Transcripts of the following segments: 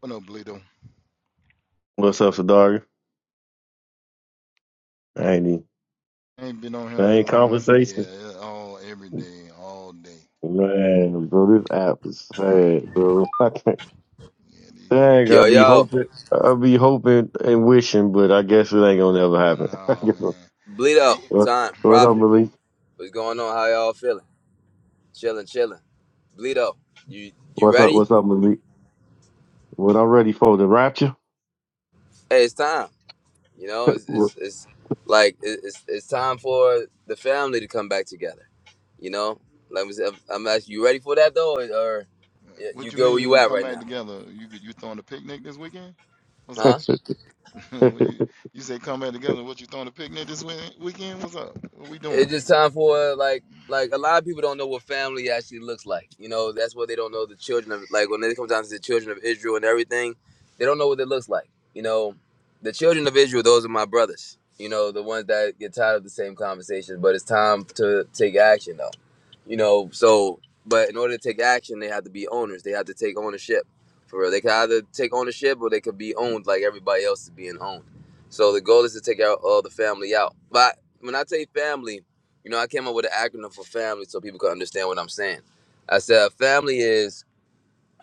What up, Bleedo? What's up, Sadaga? ain't even Ain't been on here that same long. Yeah, conversations. it- all every day, all day. Man, bro, this app is sad, bro. I can't. Yeah, Dang, these. I'll Yo, be yo, hoping, I'll be hoping and wishing, but I guess it ain't gonna never happen. I Nah, guess so. man. Eh, Bleedo, what, time, what up, profit. Malik? What's going on? How y'all feeling? Chilling, chilling. Bleedo, you you What's up? ready? What's up, Malik? What I'm ready for the rapture? Hey, it's time. You know, it's What- it's, it's like it- it's it's time for the family to come back together. You know, like we said, I'm asking you ready for that though, or, or you you what you good where mean? you We at come right back now? together? You you throwing a picnic this weekend? What's Huh? up? What hey, you you say come back together? What you throwing a picnic this wee- weekend? What's up? What we doing? it's just time for like like a lot of people don't know what family actually looks like. You know, that's what they don't know the children of like when it comes down to the children of Israel and everything, they don't know what it looks like. You know, the children of Israel, those are my brothers. You know, the ones that get tired of the same conversations, but it's time to take action though. You know, so but in order to take action, they have to be owners. They have to take ownership. For real. They can either take ownership or they could be owned like everybody else is being owned. So the goal is to take out all the family out. but when I say family, you know, I came up with an acronym for family so people could understand what I'm saying. I said family is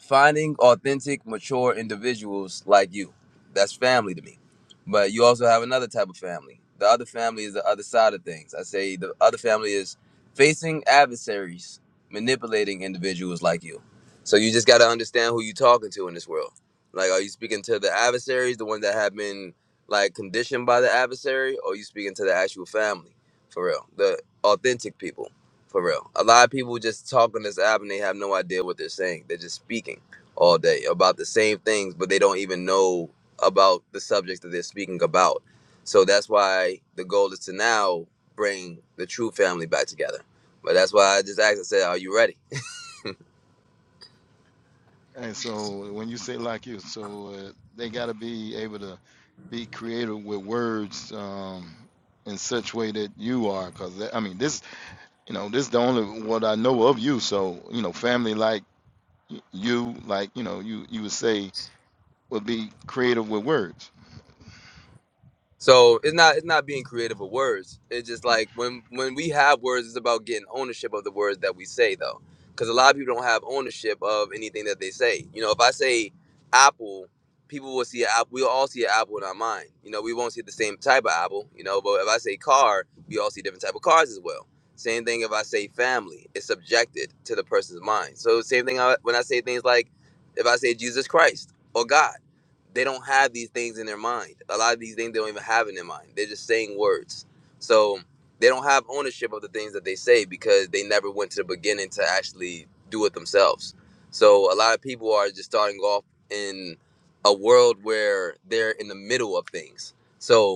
finding authentic, mature individuals like you. That's family to me. But you also have another type of family. The other family is the other side of things. I say the other family is facing adversaries, manipulating individuals like you. So you just got to understand who you're talking to in this world. Like, are you speaking to the adversaries, the ones that have been like conditioned by the adversary, or you speaking to the actual family for real, the authentic people? For real. A lot of people just talk on this app and they have no idea what they're saying. They're just speaking all day about the same things, but they don't even know about the subjects that they're speaking about. So that's why the goal is to now bring the true family back together. But that's why I just asked, and said, Are you ready? And so when you say like you, so uh, they got to be able to be creative with words um, in such way that you are, because I mean this you know, this is the only what I know of you. So, you know, family like y- you, like, you know, you, you would say would be creative with words. So it's not it's not being creative with words. It's just like when when we have words, it's about getting ownership of the words that we say though, because a lot of people don't have ownership of anything that they say. You know, if I say apple, people will see an apple. We'll all see an apple in our mind. You know, we won't see the same type of apple. You know, but if I say car, we all see different type of cars as well. Same thing if I say family, it's subjected to the person's mind. So same thing I- when I say things like, if I say Jesus Christ or God they don't have these things in their mind. A lot of these things they don't even have in their mind. They're just saying words. So they don't have ownership of the things that they say because they never went to the beginning to actually do it themselves. So a lot of people are just starting off in a world where they're in the middle of things. So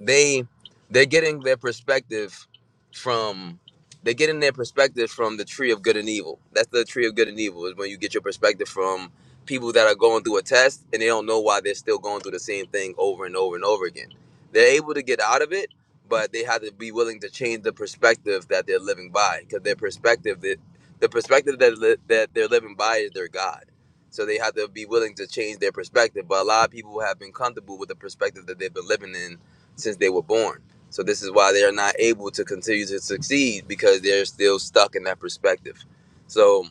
they they're getting their perspective from they're getting their perspective from the tree of good and evil. That's the tree of good and evil is when you get your perspective from people that are going through a test and they don't know why they're still going through the same thing over and over and over again. They're able to get out of it, but they have to be willing to change the perspective that they're living by because their perspective that the perspective that li- that they're living by is their God. So they have to be willing to change their perspective. But a lot of people have been comfortable with the perspective that they've been living in since they were born. So this is why they are not able to continue to succeed because they're still stuck in that perspective. So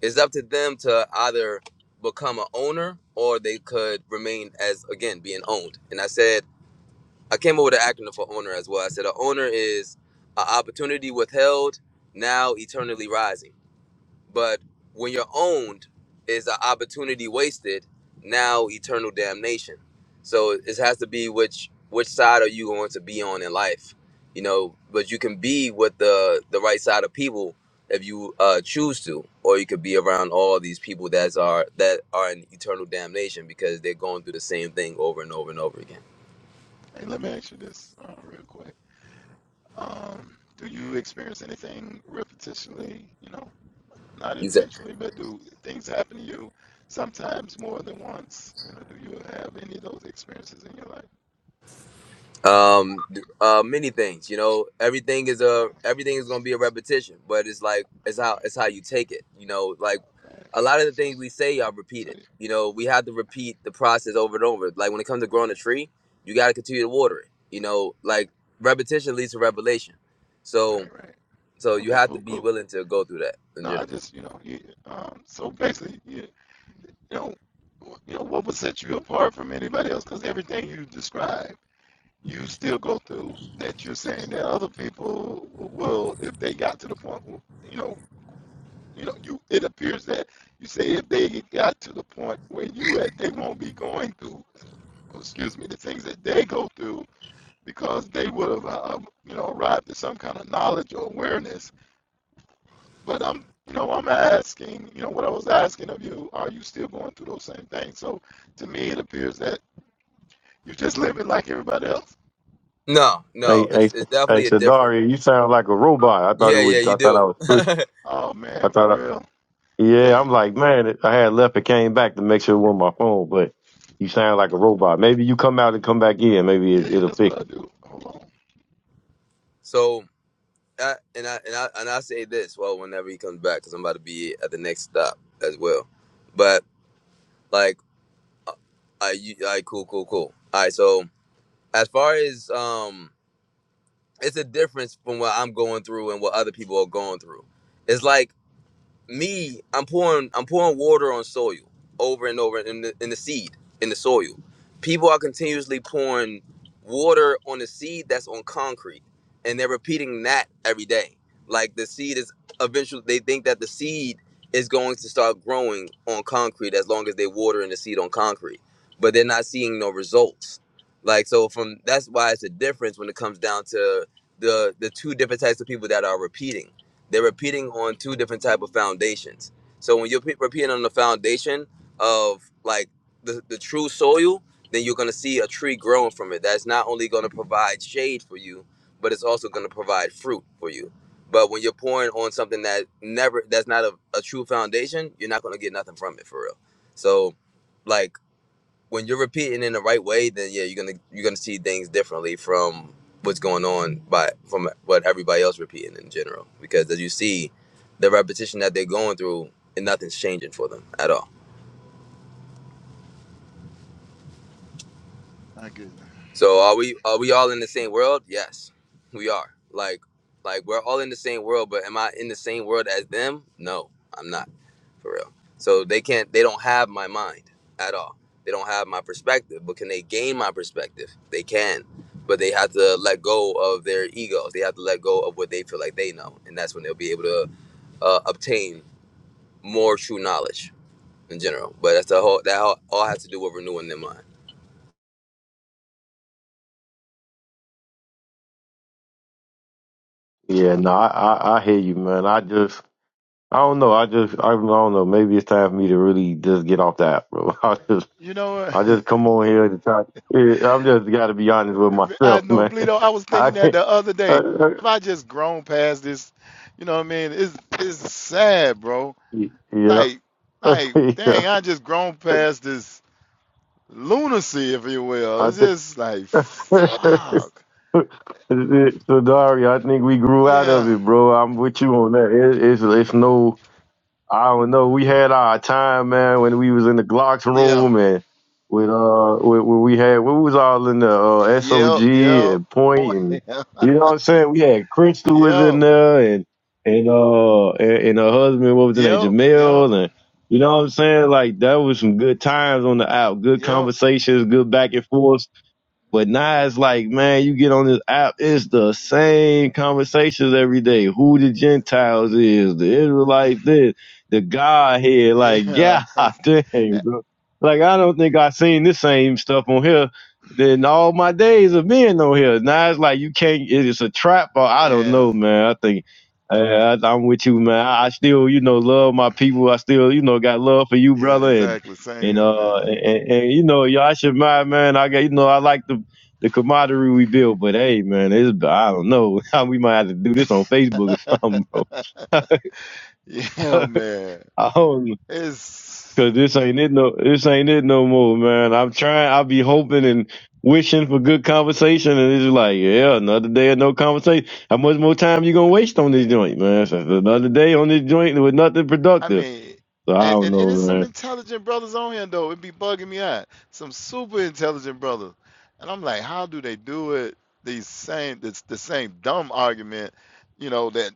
it's up to them to either become an owner or they could remain as again being owned. And I said I came up with an acronym for owner as well. I said an owner is an opportunity withheld, now eternally rising. But when you're owned, is the opportunity wasted? Now eternal damnation. So it has to be which which side are you going to be on in life? You know, but you can be with the the right side of people if you uh, choose to, or you could be around all these people that are that are in eternal damnation because they're going through the same thing over and over and over again. Hey, let me ask you this uh, real quick. Um, do you experience anything repetitionally, you know, not intentionally, but do things happen to you sometimes more than once? You know, do you have any of those experiences in your life? um th- uh many things you know everything is Uh, a everything so, is gonna be so, a repetition but it's like it's how it's how you take it you know like all right. a lot of the So, things we say are so, repeated you know we have to repeat the process over and over like when it comes to right, growing a tree you got to continue to water it you know right, like repetition leads to revelation so right, right. so you Okay, have to cool, be cool. willing to go through that in No, I general just, you know, you, um, so basically, you, you know, you know, what would set you apart from anybody else? Because everything you describe, you still go through. That you're saying that other people will, if they got to the point, you know, you know, you. It appears that you say if they got to the point where you at, they won't be going through. oh, Excuse me, the things that they go through because they would have, uh, um, you know, arrived at some kind of knowledge or awareness But I'm, you know, I'm asking, you know, what I was asking of you, are you still going through those same things? So to me, it appears that you're just living like everybody else. no hey, no hey, it's, it's definitely a different Sadari, you sound like a robot. I thought it yeah was. yeah you I thought do I was. Oh I man, for thought. real? Yeah, I'm Dang. like, man, I had left and came back to make sure it wasn't my phone, but you sound like a robot. Maybe you come out and come back in. Maybe Yeah, it, yeah, it'll that's pick. what I do. Hold on. so I, and I and I and I say this well whenever he comes back because I'm about to be at the next stop as well. But like, I you, I cool, cool, cool. All right, so as far as um, it's a difference from what I'm going through and what other people are going through. It's like me, I'm pouring I'm pouring water on soil over and over in the in the seed in the soil. People are continuously pouring water on the seed that's on concrete, and they're repeating that every day. Like the seed is eventually they think that the seed is going to start growing on concrete as long as they water in the seed on concrete, but they're not seeing no results. Like so, from that's why it's a difference when it comes down to the the two different types of people that are repeating they're repeating on two different type of foundations. So when you're pe- repeating on the foundation of like the, the true soil, then you're gonna see a tree growing from it. That's not only gonna provide shade for you, but it's also gonna provide fruit for you. But when you're pouring on something that never that's not a, a true foundation, you're not gonna get nothing from it for real. So like when you're repeating in the right way, then yeah, you're gonna you're gonna see things differently from what's going on by from what everybody else repeating in general. Because as you see, the repetition that they're going through, and nothing's changing for them at all. My goodness. So are we are we all in the same world? Yes, we are. Like like we're all in the same world, but am I in the same world as them? No, I'm not. For real. So they can't they don't have my mind at all. They don't have my perspective, but can they gain my perspective? They can. But they have to let go of their egos. They have to let go of what they feel like they know, and that's when they'll be able to uh, obtain more true knowledge in general. But that's the whole that all, all has to do with renewing their mind. Yeah, no, I, I, I hear you, man. I just, I don't know. I just, I don't know. Maybe it's time for me to really just get off the app, bro. I just, You know I what? just come on here to try. Yeah, I've just got to be honest with I myself, know, man. Bleedo, I was I thinking that can't. the other I, day. I, If I just grown past this, you know what I mean? It's it's sad, bro. yeah, Like, like, yeah. dang, I just grown past this lunacy, if you will. I It's think. just like fuck. so Dari, I think we grew out of Yeah, it, bro. I'm with you on that. It, it's it's no, I don't know. We had our time, man, when we was in the Glocks yeah, room and with uh, when, when we had we was all in the uh, yep, SOG yep, and Point and yep, you know what I'm saying. We had Crystal was in yep, there and and uh and, and her husband what was in there, yep, Jamel and. You know what I'm saying? Like that was some good times on the out, good yep, conversations, good back and forth. But now it's like, man, you get on this app, it's the same conversations every day. Who the yeah, Gentiles is, the Israelites this, the Godhead. Like, Yeah, yeah, dang, bro. Like, I don't think i seen this same stuff on here than all my days of being on here. Now it's like, you can't, it's a trap, or I don't yeah, know, man. I think. I, I, I'm with you, man. I, I still, you know, love my people. I still, you know, got love for you, yeah, brother, and exactly. Same and here, uh man. and, and and, you know, y'all should mind, man. I got you know, I like to the camaraderie we built. But hey, man, it's, I don't know. we might have to do this on Facebook or something, bro. Yeah, man. I don't know. It's, Cause this ain't it no this ain't it no more, man. I'm trying I'll be hoping and wishing for good conversation and it's just like, yeah, another day of no conversation. How much more time you gonna waste on this joint, man? So another day on this joint with nothing I productive. mean, So I and, don't and, and know, there's some man. intelligent brothers on here, though. It be bugging me out. Some super intelligent brothers. And I'm like, how do they do it? These same, it's the same dumb argument, you know, that.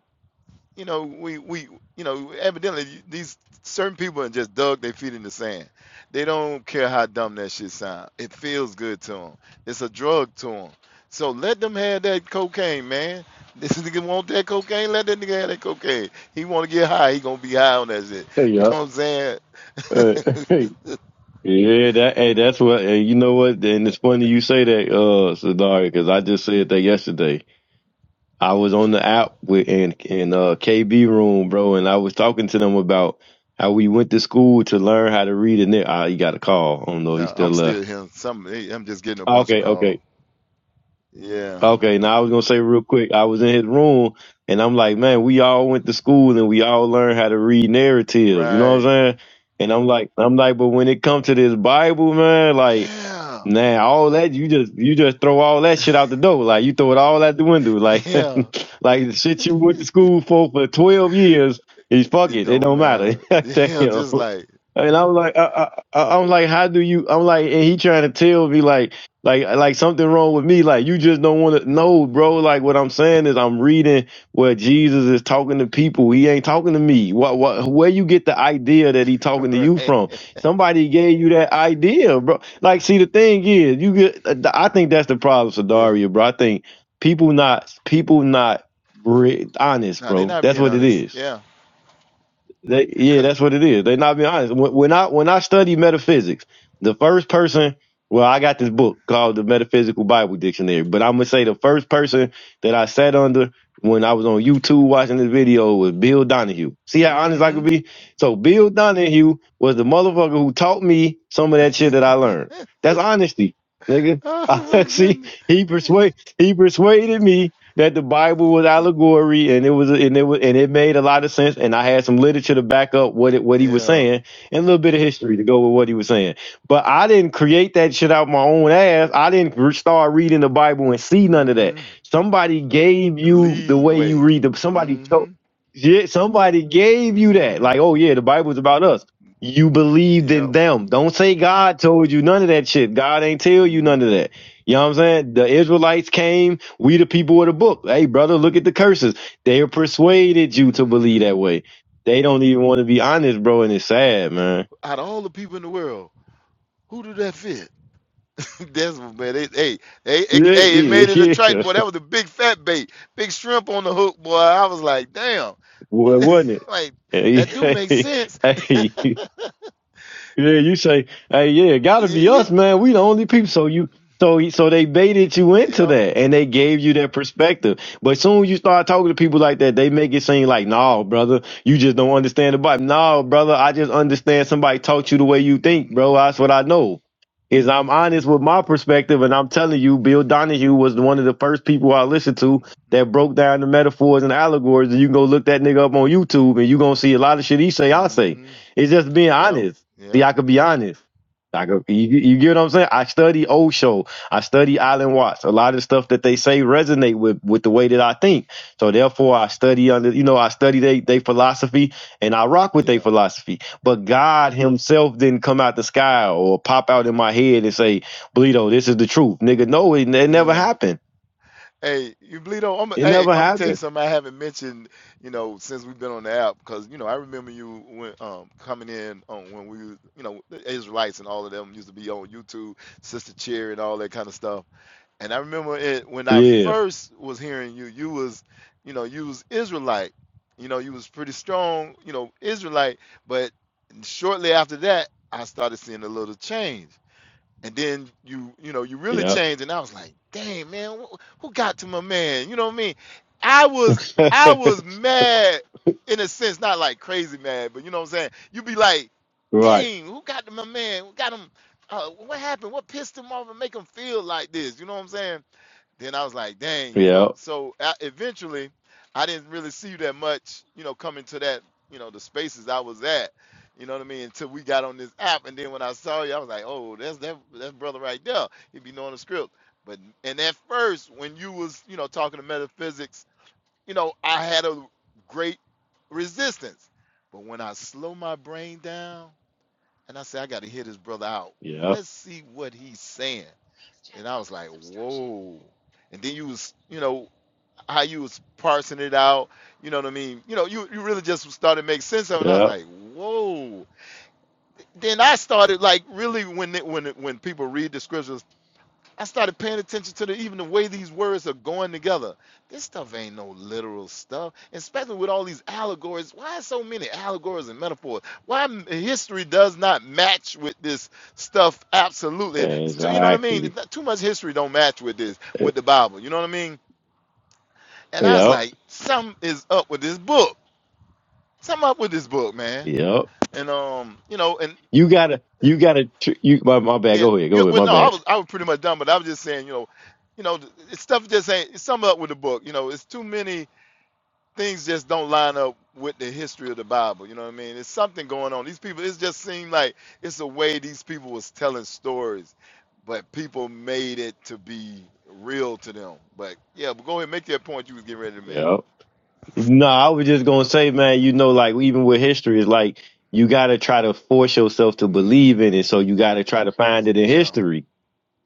you know, we we you know, evidently these certain people have just dug their feet in the sand. They don't care how dumb that shit sound. It feels good to them. It's a drug to them. So let them have that cocaine, man. This nigga want that cocaine. Let that nigga have that cocaine. He want to get high. He gonna be high on that shit. Hey You y'all. know what Uh, I'm saying? Yeah, that hey, that's what hey, you know what, and it's funny you say that, uh, Sadari, because I just said that yesterday. I was on the app with in in uh KB room, bro, and I was talking to them about how we went to school to learn how to read, and then ah, he got a call. I don't know, he no, still I'm still left. hearing some. I'm just getting a Ah, bunch of Okay, okay. calls. Yeah. Okay, now I was gonna say real quick, I was in his room and I'm like, man, we all went to school and we all learned how to read narratives, you know what I'm Right. saying? And I'm like, I'm like, but when it comes to this Bible, man, like, Yeah. man, all that you just you just throw all that shit out the door, like you throw it all out the window, like, Yeah. like the shit you went to school for for 12 years, is fuck It it, it don't don't matter, matter. Yeah. damn. Just like And I was like, I, I, I- I'm like, how do you? I'm like, and he trying to tell me like. Like like something wrong with me. Like you just don't want to know, bro. Like what I'm saying is I'm reading where Jesus is talking to people. He ain't talking to me. What what where you get the idea that he talking to you right? from? Somebody gave you that idea, bro. Like see the thing is, you get I think that's the problem, Yeah. Sadaria, bro. I think people not people not re- honest, No, they're bro. not That's being what it honest. is Yeah. they, yeah, because that's what it is. They not being honest. When, when I when I study metaphysics, the first person, well, I got this book called the Metaphysical Bible Dictionary, but I'm gonna say the first person that I sat under when I was on YouTube watching this video was Bill Donahue. See how honest I mm-hmm. could be? So Bill Donahue was the motherfucker who taught me some of that shit that I learned. That's honesty, nigga. oh I my See, goodness. he persuade he persuaded me that the Bible was allegory and it was and it was and it made a lot of sense and I had some literature to back up what it, what he was Yeah. saying and a little bit of history to go with what he was saying. But I didn't create that shit out my own ass. I didn't re- start reading the Bible and see none of that. Mm-hmm. Somebody gave you the Lead way you way. read the somebody Mm-hmm. told yeah, somebody gave you that. Mm-hmm. Like, oh yeah, the Bible's about us. You believed in Yep. them. Don't say God told you none of that shit. God ain't tell you none of that. Mm-hmm. You know what I'm saying? The Israelites came, we the people of the book. Hey, brother, look at the curses. They persuaded you to believe mm-hmm. that way. They don't even want to be honest, bro, and it's sad, Yeah. man. Out of all the people in the world, who did that fit? That's what man. They, hey, hey, it, Yeah, hey, it made it a yeah, trite yeah. boy. That was a big fat bait, big shrimp on the hook, boy. I was like, damn. Well, wasn't Like that do make it? sense. Hey, Yeah, you say, hey, yeah, gotta be You- us, man. We the only people. So you, so he- so they baited you- you into yep. that, and they gave you that perspective. But soon you start talking to people like that, they make it seem like, no, brother, you just don't understand the Bible. No, brother, I just understand somebody taught you the way you think, bro. Mhm. That's what I know. Is I'm honest with my perspective, and I'm telling you, Bill Donahue was one of the first people I listened to that broke down the metaphors and allegories. And you can go look that nigga up on YouTube, and you gonna see a lot of shit he say, I say. Mhm. It's just being Yep. honest. See, Yep. I could be Yep. honest. I could, you, you get what I'm saying? I study Osho. I study Alan Watts. A lot of stuff that they say resonate with, with the way that I think. So therefore, I study under, you know, I study they, they philosophy and I rock with their Yeah. philosophy. But God himself didn't come out the sky or pop out in my head and say, Bleedo, this is the truth. Nigga, no, it, it never Yeah. happened. Hey, you bleed on. I'm, It hey, never I'm gonna tell you happened. something I haven't mentioned. You know, since we've been on the app, because you know I remember you when um coming in on when we, was- you know, the Israelites and all of them used to be on YouTube, Sister Cherry and all that kind of stuff And I remember it when I Yeah. first was hearing you, you was, you know, you was Israelite. You know, you was pretty strong, you know, Israelite. But shortly after that, I started seeing a little change. And then you, you know, you really Yeah. changed. And I was like, dang, man, who, who got to my man? You know what I mean? I was, I was mad in a sense, not like crazy mad, but you know what I'm saying? You be like, right. dang, who got to my man? Who got him? Uh, what happened? What pissed him off and make him feel like this? You know what I'm saying? then I was like, dang, you Yeah. know. So I, eventually, I didn't really see you that much, you know, coming to that, you know, the spaces I was at, you know what I mean, until we got on this app. And then when I saw you, I was like, oh, that's that that's brother right there. He be knowing the script. But and at first, when you was, you know, talking to metaphysics, you know, I had a great resistance. But when I slow my brain down and I said, I got to hear this brother out. Yeah. Let's see what he's saying. And I was like, whoa. And then you was, you know, how you was parsing it out, you know what I mean? You know, you, you really just started to make sense of it. And I was Yeah. like, whoa. Then I started like really when it, when it, when people read the scriptures I started paying attention to the even the way these words are going together. This stuff ain't no literal stuff, especially with all these allegories. Why so many allegories and metaphors? Why m- history does not match with this stuff? Absolutely, it's too, you know what I mean. Exactly. It's not, too much history don't match with this with the Bible. You know what I mean? And I was Yep. like, something is up with this book. Something up with this book, man. Yep. And um, you know, and You gotta, you gotta, tr- you, my, my bad. Yeah, Go ahead. yeah. Go ahead. Well, My no, I bad. was I was pretty much done, but I was just saying, you know, you know, th- th- stuff just ain't it's sum up with the book. You know, it's too many things just don't line up with the history of the Bible. You know what I mean? It's something going on. These people, it just seemed like it's a way these people was telling stories, but people made it to be real to them. But yeah, but go ahead, make that point you was getting ready to make. Yep. No, I was just gonna say, man, you know, like even with history, it's like you gotta try to force yourself to believe Mm-hmm. in it. So you gotta try to find it in Yeah. history.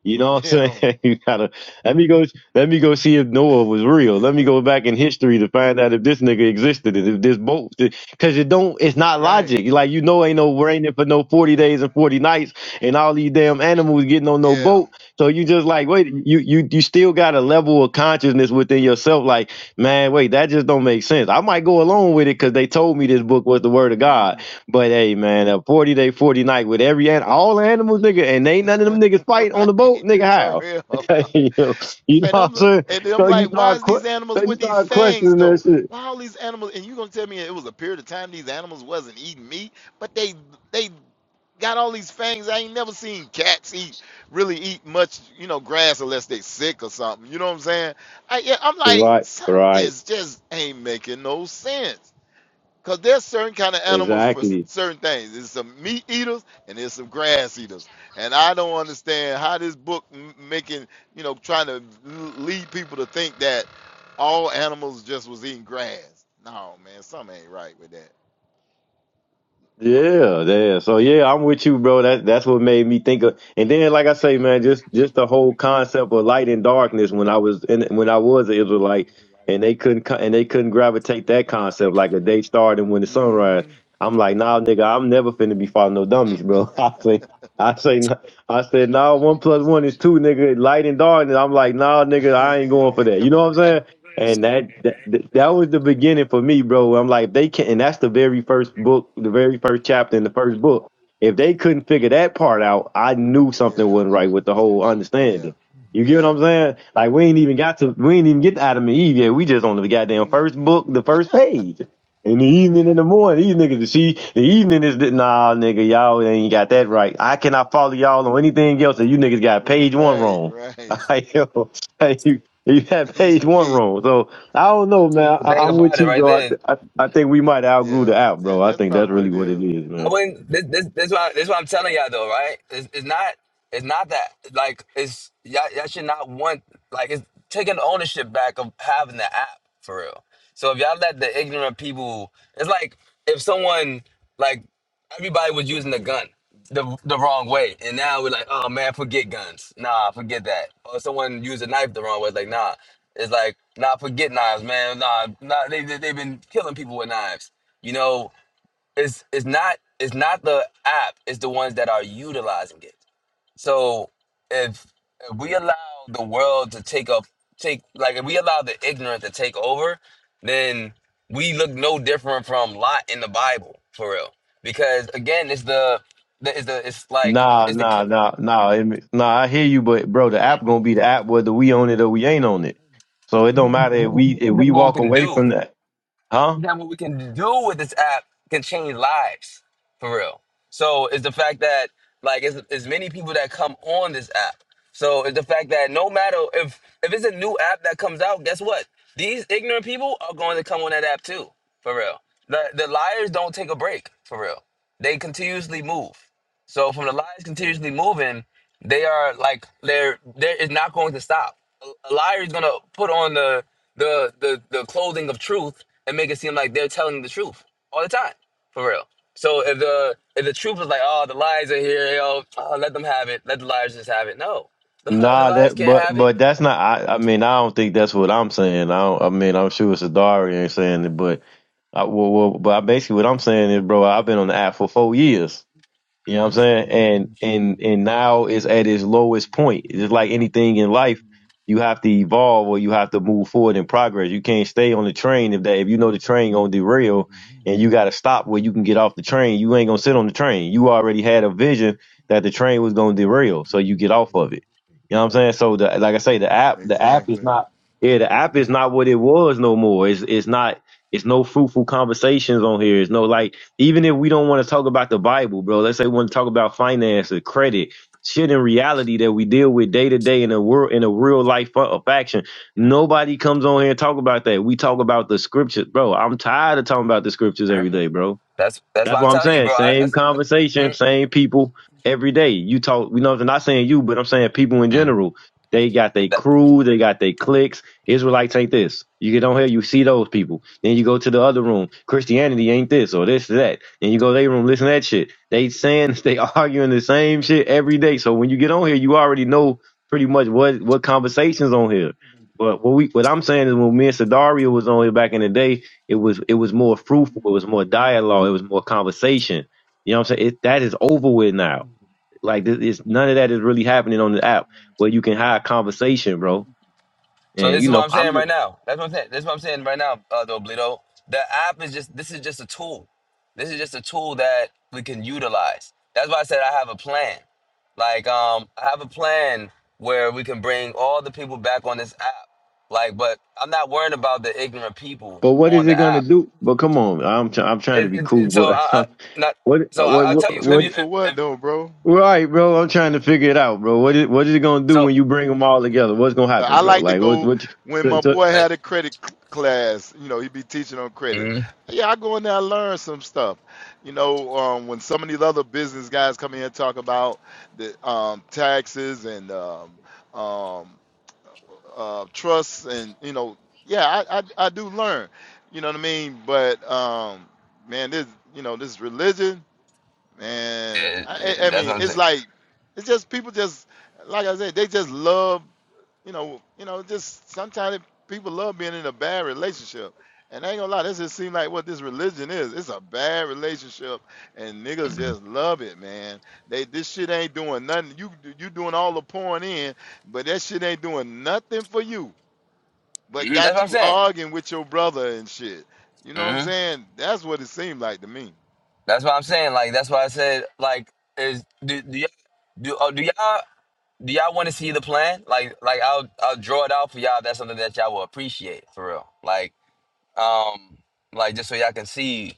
You know what I'm Yeah. saying? you gotta let me go let me go see if Noah was real. Let me go back in history to find out if this nigga existed and if this boat because it don't it's not right. logic. Like you know ain't no raining for no forty days and forty nights and all these damn animals getting on no Yeah. boat. So you just like wait, you you you still got a level of consciousness within yourself, like, man, wait, that just don't make sense. I might go along with it because they told me this book was the word of God Mhm. but hey, man, a 40 day, 40 night with every an all the animals, nigga, and ain't none of them niggas fight on the boat, Right, nigga. for How? real. you know you know And what I'm I'm li- saying? and I'm So you like, why start, is que- these animals so you with these start fangs questioning that though? shit. Why all these animals? And you gonna tell me it was a period of time these animals wasn't eating meat, but they they got all these fangs. I ain't never seen cats eat really eat much, you know, grass unless they sick or something. You know what I'm saying? I yeah, I'm like Right, right, something's just ain't making no sense. Because there's certain kind of animals for s- exactly. certain things. There's some meat eaters and there's some grass eaters. And I don't understand how this book m- making, you know, trying to l- lead people to think that all animals just was eating grass. No, man, something ain't right with that. Yeah, yeah. So yeah, I'm with you, bro. That that's what made me think of. And then, like I say, man, just just the whole concept of light and darkness. When I was in, when I was an Israelite, and they couldn't co- and they couldn't gravitate that concept like a day starting when the sunrise. mm I'm like, nah, nigga, I'm never finna be following no dummies, hmm bro. I say, I say, nah- I said, nah, one plus one is two, nigga. Light and darkness. I'm like, nah, nigga, I ain't going for that. You're You know what I'm saying? right. And that, that that was the beginning for me, bro. I'm like, they can, and that's the very first book, the very first chapter in the first book. If they couldn't figure that part out, I knew something Yeah. wasn't right with the whole Yeah. understanding. You get what I'm Yeah. saying? Like we ain't even got to, we ain't even get to Adam and Eve yet. We just on the goddamn Mm, first mm, book, the yeah. first page. In the evening, in the morning, these niggas, see, the evening is the, nah, nigga, y'all ain't got that right. I cannot follow y'all on anything else, and you niggas got page one Right. wrong. Right. Like, yo, You had You page one can't- wrong. So I don't know, man. The I, thing I'm with about it you, right bro. I, there. th- I I think we might outgrew yeah. the app, bro. That, I that's think probably that's what really it what is. it is, I man. wouldn't. This this this why this why I'm telling y'all though, right? It's, it's not it's not that like it's y'all, y'all should not want like it's taking ownership back of having the app for real. So if y'all let the ignorant people, it's like if someone like everybody was using the gun the the wrong way, and now we're like, oh man, forget guns. Nah, forget that. Or someone used a knife the wrong way, it's like nah. It's like nah, forget knives, man. Nah, nah, they they- they've been killing people with knives. You know, it's it's not it's not the app it's the ones that are utilizing it so if, if we allow the world to take up take like if we allow the ignorant to take over then we look no different from lot in the bible for real because again it's the, the it's the it's like Nah, it's the ca- nah, nah, nah, it ma- nah. I hear you, but bro, the app gonna be the app whether we own it or we ain't on it. So it don't matter if we if we what we walk can away do from that, huh? Now, what we can do with this app can change lives for real. So it's the fact that like it's, it's many people that come on this app. So it's the fact that no matter if if it's a new app that comes out, guess what? These ignorant people are going to come on that app too, for real. The the liars don't take a break, for real. They continuously move. So from the liars continuously moving, they are like they're they're it's not going to stop. A liar is gonna put on the the the the clothing of truth and make it seem like they're telling the truth all the time, for real. So if the if the truth is like, oh, the lies are here, yo, oh, let them have it, let the liars just have it. No, the, li- Nah, liars that can't but have it. but that's not. I I mean, I don't think that's what I'm saying. I don't, I mean, I'm sure Sadari ain't saying it, but I, well, well, but I basically what I'm saying is, bro, I've been on the app for four years. You know what I'm saying? And and and now it's at its lowest point. It's like anything in life, you have to evolve or you have to move forward in progress. You can't stay on the train if that if you know the train gonna derail and you gotta stop where you can get off the train, you ain't gonna sit on the train. You already had a vision that the train was gonna derail, so you get off of it. You know what I'm saying? So the like I say, the app the app is Exactly. not yeah, the app is not what it was no more. It's it's not it's no fruitful conversations on here. It's no like even if we don't want to talk about the Bible, bro, let's say we want to talk about finance or credit, shit in reality that we deal with day to day in a world in a real life fa- of Nobody comes on here and talk about that. We talk about the scriptures, bro. I'm tired of talking about the scriptures every Mhm. day, bro. That's that's That's what I'm what I'm telling you, saying. bro. I, I, Same I- conversation, mm, same people every day. You talk, you know, I'm not saying you, but I'm saying people in mm. general. They got their That, crew, they got their cliques. Israelites ain't this. You get on here, you see those people. Then you go to the other room. Christianity ain't this or this or that. Then you go to their room, listen to that shit. They saying they arguing the same shit every day. So when you get on here, you already know pretty much what what conversations on here. But what we what I'm saying is when me and Sadaria was on here back in the day, it was it was more fruitful. It was more dialogue. It was more conversation. You know what I'm saying? It, that is over with now. Like th- it's none of that is really happening on the app where you can have conversation, bro. So And this you is what know, I'm I'm. saying right Just, now. That's what I'm saying. That's what I'm saying right now, uh, Doblito. The app is just this is just a tool. This is just a tool that we can utilize. That's why I said I have a plan. Like um, I have a plan where we can bring all the people back on this app. Like, but I'm not worrying about the ignorant people but what on is it the gonna app. do? But come on, I'm try I'm trying to It, be it, cool, it- so but I, I not. what So I, what Uh, I'll tell what you. If what? two you if, for what if, though, bro? Right, bro. I'm trying to figure it out, bro. What is what is it gonna do so, when you bring them all together? What's gonna Uh, I happen, bro? like to Like what go what? You, when my so, so- boy uh, had a credit c- class. You know, he be teaching on credit. mm, Yeah, I go in there, I learn some stuff. You know, um, when some of these other business guys come in here and talk about the um, taxes and um, um, uh, trusts, and you know, yeah, I, I I do learn. You know what I mean? But um, man, this you know this religion. yeah, And yeah, I, yeah, I I that's mean, what I'm it's saying. like it's just people just like I said, they just love you know you know just sometimes it- people love being in a bad relationship. And I ain't gonna lie, this just seems like what this religion is. It's a bad relationship, and niggas Mhm. just love it, man. They this shit ain't doing nothing. You you doing all the pouring in, but that shit ain't doing nothing for you. But Mhm, that's got what I'm you saying. arguing with your brother and shit. You know what I'm Mm-hmm. saying? That's what it seemed like to me. That's what I'm saying. Like that's why I said like is do do y'all do, oh, do y'all do y'all want to see the plan? Like like I'll I'll draw it out for y'all. If that's something that y'all will appreciate for real. Like um like just so y'all can see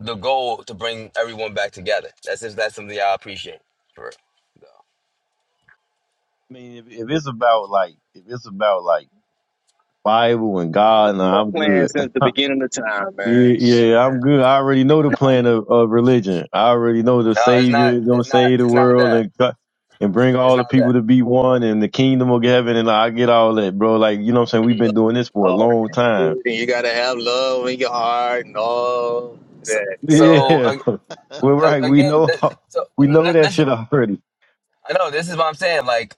the goal to bring everyone back together. That's if that's something y'all appreciate for real. I mean, if, if it's about like if it's about like Bible and I've been God, nah, I'm good. playing since the beginning of time, Yeah, man. yeah, I'm good. I already know the No, no, plan of, of religion. I already know the no, it's Savior not. is gonna It's not. save the It's not world that. and cut and bring It's all not the people that. to be one and the kingdom of heaven. And I get all that, bro. Like you know, what I'm saying we've Mhm. Love, been doing this for a all long time. and you gotta have love in your heart and all So, that. so Yeah, Yeah, uh, we're uh, right. We again, know th- so we l- know l- that shit listen. already. I know this is what I'm saying. Like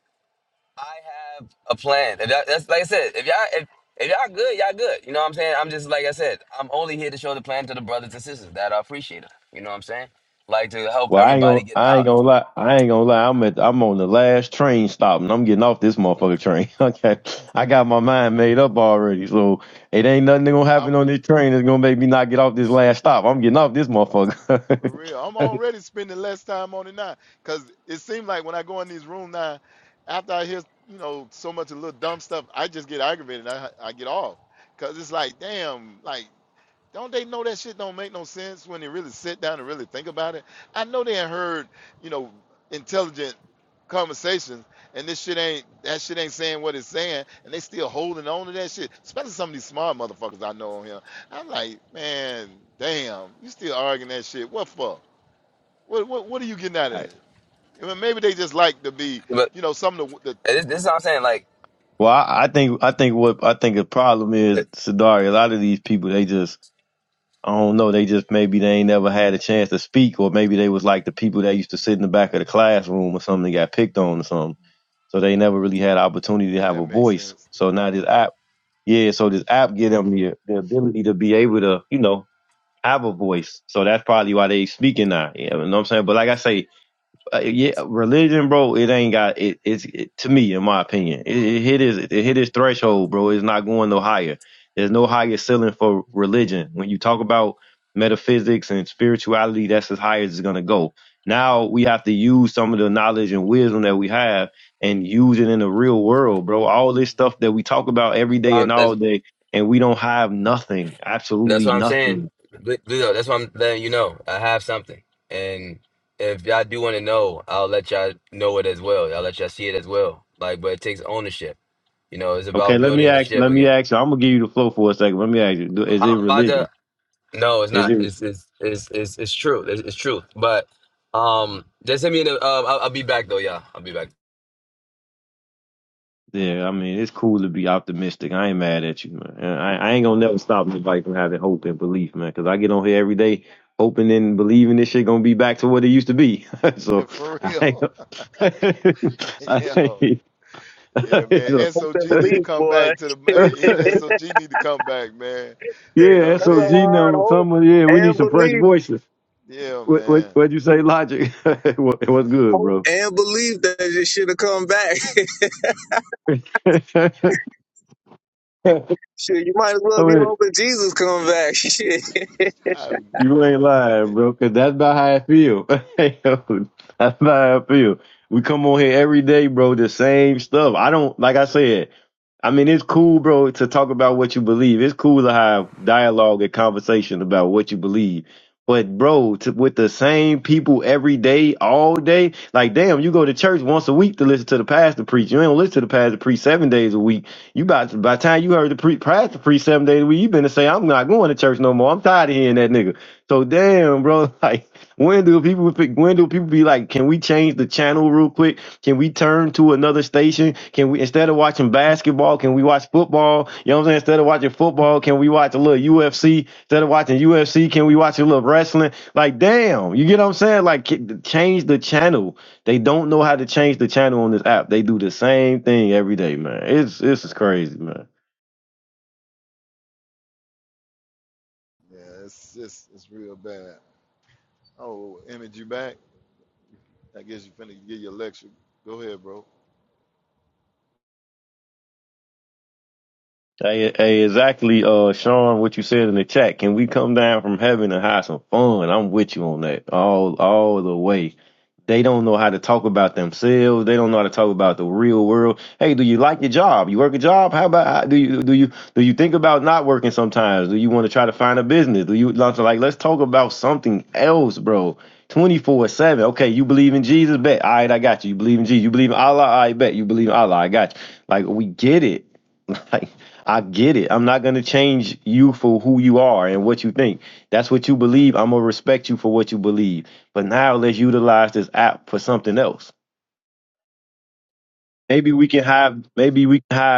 I have a plan. If y'all, that's like I said. If y'all if, if y'all good, y'all good. You know what I'm saying? I'm just like I said. I'm only here to show the plan to the brothers and sisters that are appreciative. You know what I'm saying? Like to help Well, I ain't everybody gonna, get I ain't out. gonna lie, I ain't gonna lie. I'm at, I'm on the last train stop, and I'm getting off this Mm-hmm. motherfucker train. okay, I got my mind made up already, so it ain't nothing that gonna happen on this train that's gonna make me not get off this last stop. I'm getting off this motherfucker. For real. I'm already spending less time on it now. Cause it seems like when I go in these rooms now, after I hear, you know, so much of little dumb stuff, I just get aggravated. I I get off. Cause it's like, damn, like don't they know that shit don't make no sense when they really sit down and really think about it? I know they ain't heard, you know, intelligent conversations, and this shit ain't that shit ain't saying what it's saying, and they still holding on to that shit. Especially some of these smart motherfuckers I know on here. I'm like, man, damn, you still arguing that shit? What for? What what what are you getting out All of it? right. I mean, maybe they just like to be, But you know, some of the, the this, this is what I'm saying. Like Well, I, I think, I think what I think the problem is, that- Sadari. A lot of these people, they just, I don't know, they just maybe they ain't never had a chance to speak, or maybe they was like the people that used to sit in the back of the classroom or something, that got picked on or something So they never really had opportunity to yeah, have that a makes voice. sense. So now this app, yeah, so this app give them the, the ability to be able to, you know, have a voice. So that's probably why they speaking now. Yeah, You know what I'm saying? But like I say, uh, yeah, religion, bro. It ain't got it. It's it, to me, in my opinion, it, it hit his it hit his threshold, bro. It's not going no higher. There's no higher ceiling for religion. When you talk about metaphysics and spirituality, that's as high as it's gonna go. Now we have to use some of the knowledge and wisdom that we have and use it in the real world, bro. All this stuff that we talk about that's every day what I'm, and that's, all day, and we don't have nothing, that's absolutely what I'm saying. nothing. Lu- Ludo, that's what I'm letting you know. I have something, and if y'all do want to know, I'll let y'all know it as well. I'll let y'all see it as well. Like, but it takes ownership. You know, it's Okay, about let me building the ask. ship Let me again. ask you. I'm gonna give you the flow for a second. Let me ask you. do- Well, Is it I'm about religion? to. No, it's Is not. it? It's it's it's it's, it's true. It's, it's true. But um, just hit me in the. Um, I'll, I'll be back though. Yeah, I'll be back. Yeah, I mean, it's cool to be optimistic. I ain't mad at you, man. And I, I ain't gonna never stop nobody from having hope and belief, man. Because I get on here every day hoping and believing this shit gonna be back to what it used to be. so For I ain't. real, I yeah. ain't Yeah, man. so, hope and SOG need to belief, come boy. back to the hey, he- SOG need to come back, man. You know yeah, what I That's a SOG mean? hard number. hope Someone, yeah, we need and some fresh belief. voices. Yeah, What what man. what'd you say, Logic? what, what's good, Hope bro? and belief that this should have come back. shit, you might as I well be mean, hoping Jesus come back. Shit. I'm, You ain't it, lying, it- bro. Cause that's about how I feel. Hey, Yo, that's about how I feel. We come on here every day, bro, the same stuff. I don't, like I said, I mean, it's cool, bro, to talk about what you believe. It's cool to have dialogue and conversation about what you believe. But, bro, to, with the same people every day, all day, like, damn, you go to church once a week to listen to the pastor preach. You don't listen to the pastor preach seven days a week. You about to, by the time you heard the pre, pastor preach seven days a week, you been to say, I'm not going to church no more. I'm tired of hearing that nigga. So damn, bro. Like, when do people pick? When do people be like, can we change the channel real quick? Can we turn to another station? Can we instead of watching basketball, can we watch football? You know what I'm saying? Instead of watching football, can we watch a little UFC? Instead of watching UFC, can we watch a little wrestling? Like, damn, you get what I'm saying? Like, ki- change the channel. They don't know how to change the channel on this app. They do the same thing every day, man. It's this is crazy, man. yeah, it's just it's real bad. Oh, image you back? I guess you finna give your lecture. Go ahead, bro. Hey, hey, exactly, uh, Sean, what you said in the chat. Can we come down from heaven and have some fun? I'm with you on that all, all the way. They don't know how to talk about themselves. They don't know how to talk about the real world. Hey, do you like your job? You work a job? How about how, do you do you do you think about not working sometimes? Do you want to try to find a business? Do you like like, let's talk about something else, bro? Twenty four seven. Okay, you believe in Jesus? Bet. All right, I got you. You believe in Jesus? You believe in Allah? I bet. You believe in Allah? I got you. Like we get it Like, I get it. I'm not gonna change you for who you are and what you think. That's what you believe. I'm gonna respect you for what you believe. But now let's utilize this app for something else. Maybe we can have maybe we can have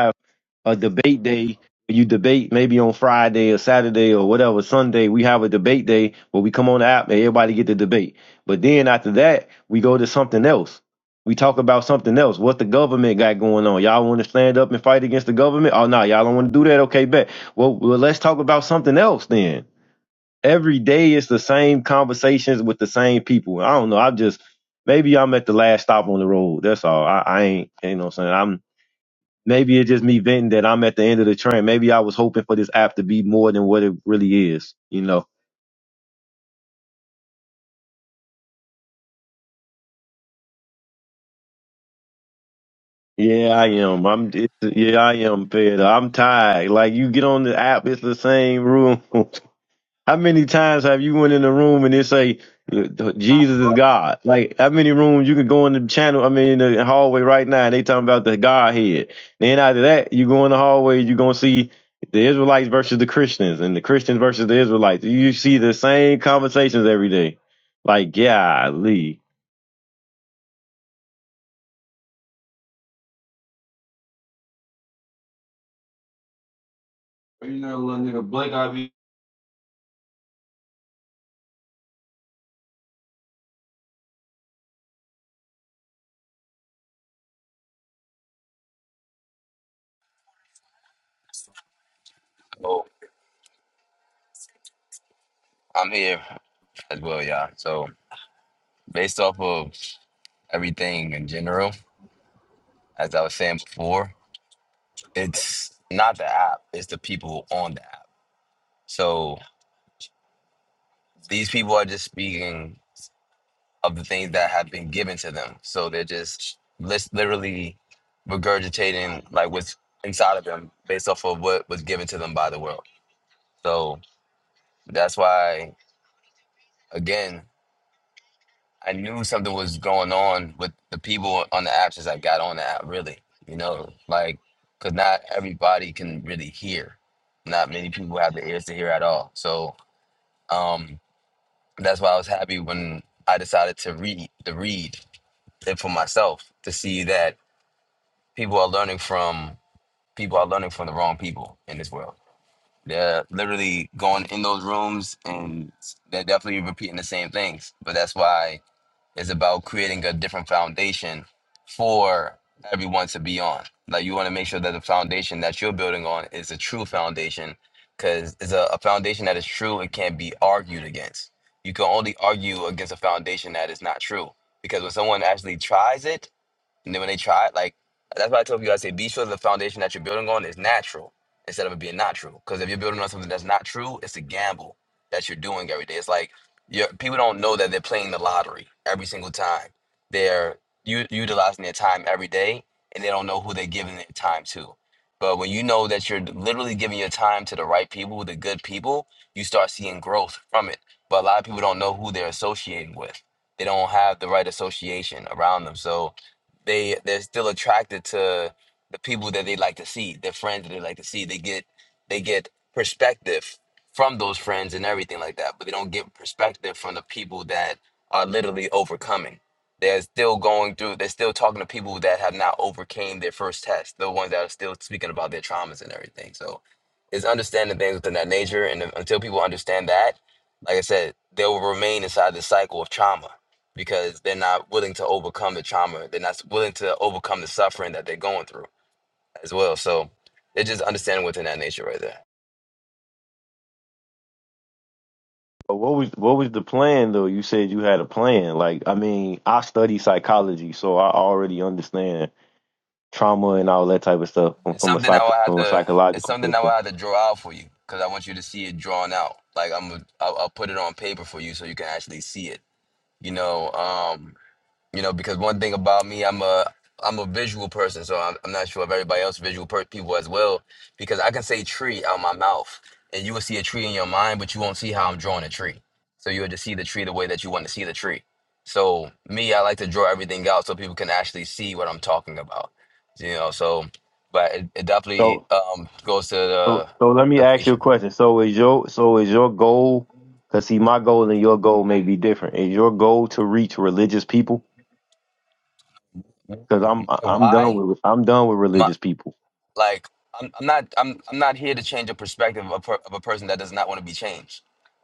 a debate day. You debate maybe on Friday or Saturday or whatever Sunday. We have a debate day where we come on the app and everybody get to debate. But then after that, we go to something else. We talk about something else. What the government got going on? Y'all want to stand up and fight against the government? Oh no, y'all don't want to do that. Okay, bet. Well, well, let's talk about something else then. Every day it's the same conversations with the same people. I don't know. I'm just maybe I'm at the last stop on the road. That's all. I, I ain't. You know what I'm saying? I'm. Maybe it's just me venting that I'm at the end of the train. Maybe I was hoping for this app to be more than what it really is. You know. Yeah, I am. I'm. It's, yeah, I am. Fed. up. I'm tired. Like you get on the app, it's the same room. How many times have you went in a room and they say Jesus is God? Like how many rooms you can go in the channel? I mean, in the hallway right now, and they talking about the Godhead. Then after that, you go in the hallway, you gonna see the Israelites versus the Christians, and the Christians versus the Israelites. You see the same conversations every day. Like, golly. Oh, I'm here as well. Yeah. So based off of everything in general, as I was saying before, it's not the app. It's the people on the app. So these people are just speaking of the things that have been given to them. So they're just lis- literally regurgitating like what's inside of them based off of what was given to them by the world. So That's why, again, I knew something was going on with the people on the app. as I got on the app, really. You know, like, because not everybody can really hear. Not many people have the ears to hear at all. So um, that's why I was happy when I decided to read the read it for myself to see that people are learning from people are learning from the wrong people in this world. They're literally going in those rooms and they're definitely repeating the same things. But that's why is about creating a different foundation for everyone to be on. Like you want to make sure that the foundation that you're building on is a true foundation because it's a, a foundation that is true, it can't be argued against. You can only argue against a foundation that is not true because when someone actually tries it, and then when they try it, like that's why I told you, I say be sure the foundation that you're building on is natural instead of it being not true. Because if you're building on something that's not true, it's a gamble that you're doing every day. It's like you people don't know that they're playing the lottery every single time. They're u- utilizing their time every day, and they don't know who they're giving their time to. But when you know that you're literally giving your time to the right people, the good people, you start seeing growth from it. But a lot of people don't know who they're associating with. They don't have the right association around them. So they they're still attracted to the people that they like to see, their friends that they like to see. They get they get perspective from those friends and everything like that, but they don't get perspective from the people that are literally overcoming. They're still going through. They're still talking to people that have not overcame their first test. The ones that are still speaking about their traumas and everything. So, it's understanding things within that nature, and until people understand that, like I said, they will remain inside the cycle of trauma because they're not willing to overcome the trauma. They're not willing to overcome the suffering that they're going through as well. So they're just understanding within that nature right there. But what was what was the plan though? You said you had a plan. Like, I mean, I study psychology, so I already understand trauma and all that type of stuff from, It's from a something that I psych will have from a to. It's psychological something that I will perspective. have to draw out for you because I want you to see it drawn out. Like I'm, I'll, I'll put it on paper for you so you can actually see it. You know, um, You know, because one thing about me, I'm a I'm a visual person, so I'm, I'm not sure if everybody else visual per- people as well. Because I can say tree out my mouth, and you will see a tree in your mind, but you won't see how I'm drawing a tree. So you'll just see the tree the way that you want to see the tree. So me, I like to draw everything out so people can actually see what I'm talking about. You know, so but it, it definitely So um, goes to so the so let me the ask you a patient. question. So is your so is your goal? Because see, my goal and your goal may be different. Is your goal to reach religious people? Because I'm I- I'm done Why? with I'm done with religious people. Like I'm, I'm not I'm I'm not here to change a perspective of a, per, of a person that does not want to be changed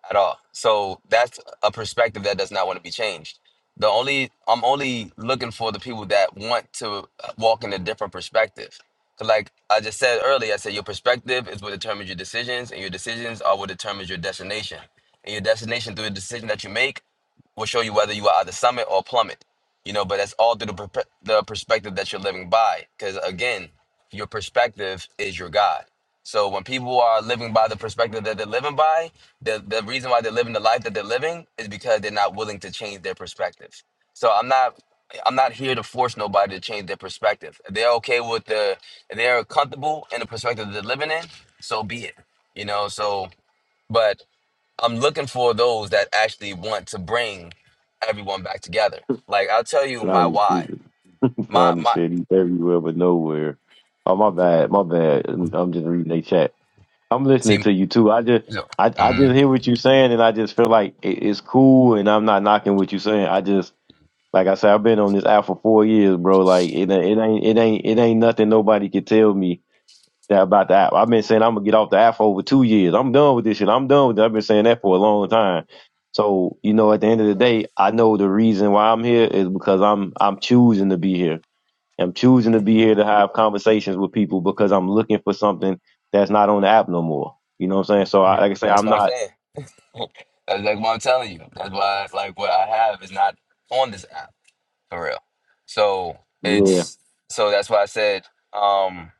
at all. So that's a perspective that does not want to be changed. The only I'm only looking for the people that want to uh, walk in a different perspective. 'Cause like I just said earlier, I said your perspective is what determines your decisions, and your decisions are what determines your destination. And your destination through the decision that you make will show you whether you are either summit or plummet you know but that's all through the, perpe- the perspective that you're living by because again your perspective is your god so when people are living by the perspective that they're living by the, the reason why they're living the life that they're living is because they're not willing to change their perspective so i'm not i'm not here to force nobody to change their perspective If they're okay with the if they're comfortable in the perspective that they're living in so be it you know so but I'm looking for those that actually want to bring everyone back together. Like I'll tell you my Johnny, why. My Johnny my said he's everywhere but nowhere. Oh my bad, my bad. I'm just reading their chat. I'm listening see to you too. I just so, I I just mhm. hear what you're saying, and I just feel like it, it's cool, and I'm not knocking what you're saying. I just Like I said, I've been on this app for four years, bro. Like it, ain't- it ain't, it ain't, it ain't nothing nobody can tell me that about the app. I've been saying I'm gonna get off the app for over two years. I'm done with this shit. I'm done with it. I've been saying that for a long time. So you know, at the end of the day, I know the reason why I'm here is because I'm, I'm choosing to be here. I'm choosing to be here to have conversations with people because I'm looking for something that's not on the app no more. You know what I'm saying? So I, like I say, that's I'm what I'm not. saying. That's like what I'm telling you. That's why like what I have is not on this app for real. So Yeah. it's so that's why I said. Um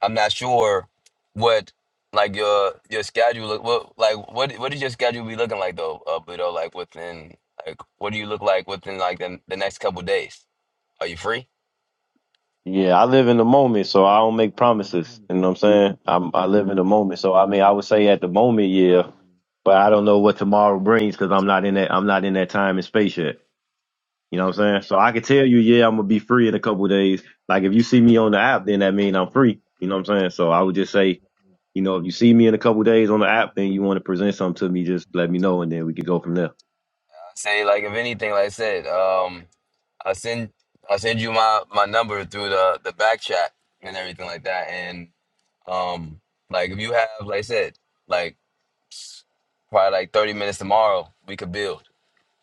I'm not sure what like your your schedule look what like what what does your schedule be looking like though, uh, Pluto? Like within like what do you look like within like the, the next couple days? Are you free? Yeah, I live in the moment, so I don't make promises. You know what I'm saying? I'm, I live in the moment, so I mean, I would say at the moment, yeah, but I don't know what tomorrow brings because I'm not in that. I'm not in that time and space yet. You know what I'm saying? I So I can tell you, yeah, I'm gonna be free in a couple of days. Like if you see me on the app, then that means I'm free. You know what I'm saying? So I would just say, you know, if you see me in a couple of days on the app, then you want to present something to me, just let me know, and then we could go from there. say like if anything, like I said, um, I send I send you my my number through the the back chat and everything like that, and um, like if you have like I said, like s- probably like thirty minutes tomorrow, we could build.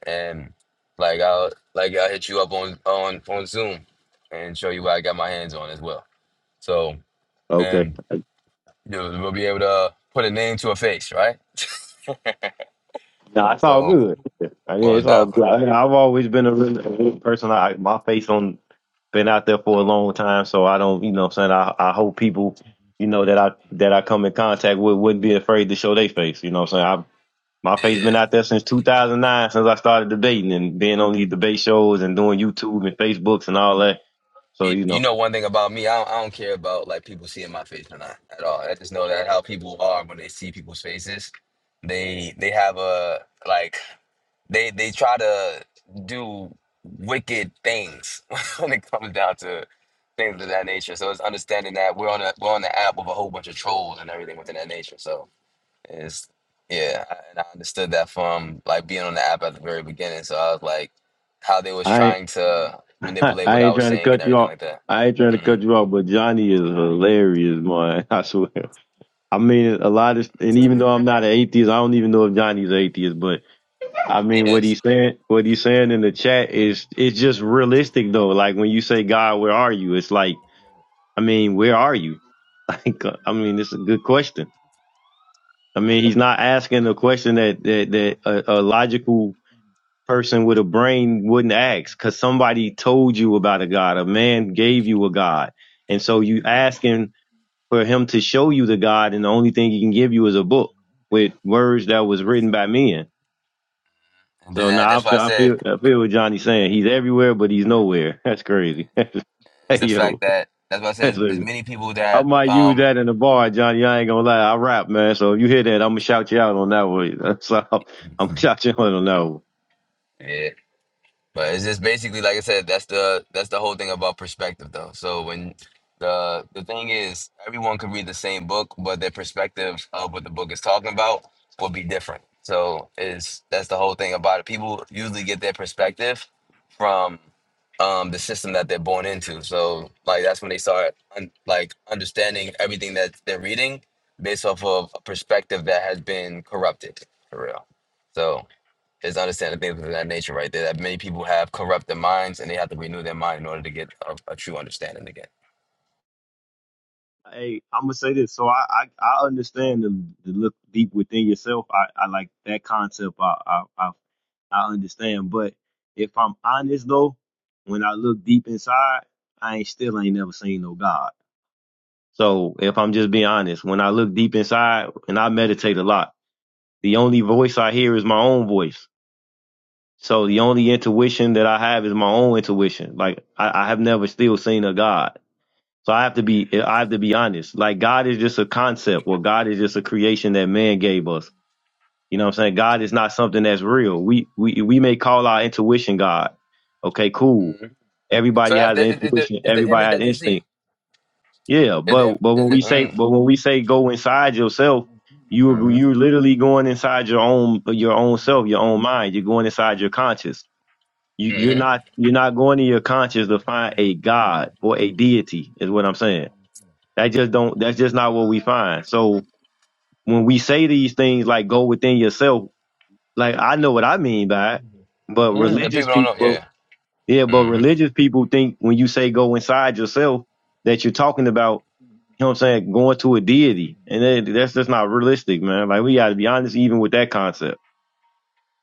and like I'll like I'll hit you up on on on Zoom and show you what I got my hands on as well. So Okay. and you know, we'll be able to put a name to a face, right? No, it's all So good. I mean, most it's all definitely, good. I I've always been a really, a really person. I my face on been out there for a long time, so I don't, you know, what I'm saying I I hope people, you know, that I that I come in contact with wouldn't be afraid to show their face. You know, what I'm saying I my yeah. face been yeah. out there since 2009, since I started debating and being on these debate shows and doing YouTube and Facebooks and all that. So You, you you know, know one thing about me, I don't, I don't care about like people seeing my face or not at all. I just know that how people are when they see people's faces, they they have a like. They they try to do wicked things when it comes down to things of that nature. So it's understanding that we're on a we're on the app with a whole bunch of trolls and everything within that nature. So it's yeah, I- and I understood that from like being on the app at the very beginning. So I was like, how they was I ain't, trying to manipulate I what I ain't was trying to saying and cut you everything off. like that. I ain't trying to cut hmm you off, but Johnny is hilarious, man. I swear. I mean, a lot of, and even though I'm not an atheist, I don't even know if Johnny's an atheist. But I mean, what Yes, he's saying, what he's saying in the chat is, it's just realistic though. Like when you say, God, where are you? It's like, I mean, where are you? Like, I mean, it's a good question. I mean, he's not asking a question that that that a, a logical person with a brain wouldn't ask, because somebody told you about a God, a man gave you a God, and so you asking for him to show you the God, and the only thing he can give you is a book with words that was written by men. and then So that, now that's I why I feel, I said feel, I feel what Johnny's saying. He's everywhere, but he's nowhere. That's crazy. is hey the fact yo, that that's why I said that's is is a- many people I that might use um that in the bar, Johnny. I ain't gonna lie. I rap, man. So if you hear that, I'm gonna shout you out on that one. That's I'm gonna shout you out on that one. yeah But it's just basically like I said, that's the that's the whole thing about perspective though. So when the the thing is everyone could read the same book, but their perspective of what the book is talking about will be different. So is that's the whole thing about it. People usually get their perspective from um the system that they're born into. So like that's when they start un- like understanding everything that they're reading based off of a perspective that has been corrupted for real. So is understanding things of that nature right there. That many people have corrupted minds and they have to renew their mind in order to get a, a true understanding again. Hey, I'm gonna say this. So I I, I understand the, the look deep within yourself. I, I like that concept. I, I I I understand. But if I'm honest though, when I look deep inside, I ain't still ain't never seen no God. So if I'm just being honest, when I look deep inside and I meditate a lot, the only voice I hear is my own voice. So the only intuition that I have is my own intuition. Like I, I have never still seen a God. So I have to be I have to be honest. Like God is just a concept or God is just a creation that man gave us. You know what I'm saying? God is not something that's real. We we we may call our intuition God. Okay, cool. hmm So Everybody that's has an that, it, it, the, intuition, it's the everybody image that has you see. instinct. Yeah, Is the, but but is when the, we say mm, but when we say go inside yourself, you mm-hmm. you're literally going inside your own your own self, your own mind. You're going inside your conscious. You you're Mm-hmm. not you're not going to your conscious to find a God or a deity, is what I'm saying. That just don't. That's just not what we find. So when we say these things like "go within yourself," like I know what I mean by it, but Mm, the people religious don't know. people, Yeah. yeah, but Mm-hmm. religious people think when you say "go inside yourself" that you're talking about, you know what I'm saying, going to a deity, and that, that's just not realistic, man. Like we got to be honest, even with that concept.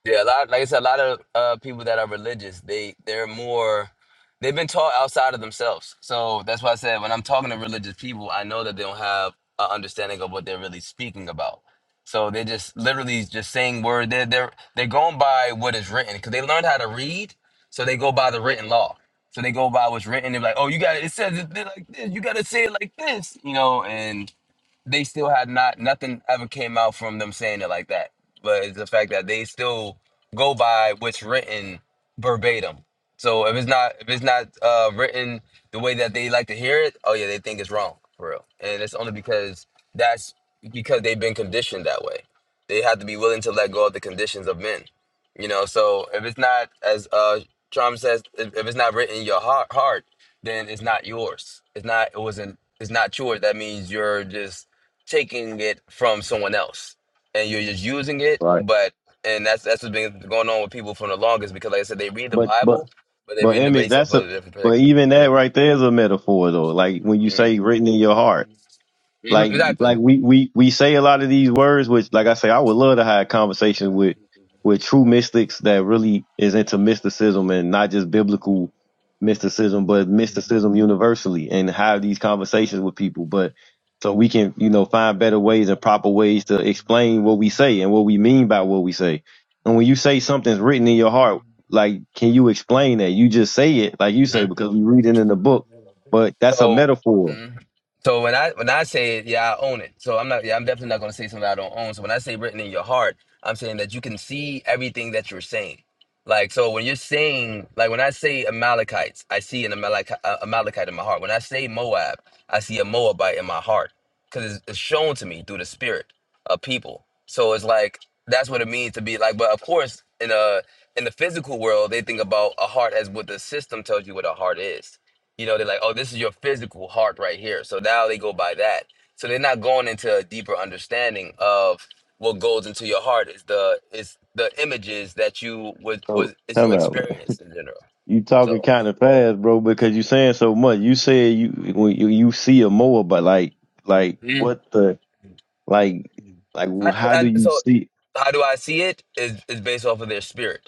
Yeah, a lot. Like I said, a lot of uh, people that are religious, they they're more, they've been taught outside of themselves. So that's why I said when I'm talking to religious people, I know that they don't have an understanding of what they're really speaking about. So they're just literally just saying word. They're they're they're going by what is written because they learned how to read, so they go by the written law. So they go by what's written. They're like, oh, you got it. It says it they're like this. You got to say it like this, you know. and they still had not nothing ever came out from them saying it like that. But it's the fact that they still go by what's written verbatim. So if it's not if it's not uh, written the way that they like to hear it, oh yeah, they think it's wrong for real. And it's only because that's because they've been conditioned that way. They have to be willing to let go of the conditions of men. You know, so if it's not as uh Trump says, if, if it's not written in your heart, heart, then it's not yours. It's not. It wasn't. It's not yours. That means you're just taking it from someone else and you're just using it Right. but and that's that's what's been going on with people for the longest because like i said they read the But bible but but they're but reading the image, base of that's a a. different But particular even that mm-hmm. right there is a metaphor, though. Like when you say "written in your heart." Mm-hmm. Like exactly like we we we say a lot of these words, which like I say, I would love to have conversations with with true mystics that really is into mysticism and not just biblical mysticism, but mysticism universally, and have these conversations with people. But so we can you know find better ways and proper ways to explain what we say and what we mean by what we say. And when you say something's written in your heart, like can you explain that? You just say it like you Mhm. say because we read it in the book, but that's a So, metaphor. mhm. so when I when I say it, yeah, I own it. So I'm not. Yeah, I'm definitely not going to say something I don't own. So when I say written in your heart, I'm saying that you can see everything that you're saying. Like so, when you're saying like when I say Amalekites, I see an Amalek, uh, Amalekite in my heart. When I say Moab, I see a Moabite in my heart because it's, it's shown to me through the spirit of people. So it's like that's what it means to be like. But of course, in a in the physical world, they think about a heart as what the system tells you what a heart is you know, they're like, oh, this is your physical heart right here. So now they go by that. So they're not going into a deeper understanding of what goes into your heart is the is the images that you was So was is come your out, man. experience in general. You talking So kind of fast, bro, because you saying so much. You said you when you, you see a mower, but like, like mm, what the like, like I, how I, do I, you so see? how do I see it is is based off of their spirit.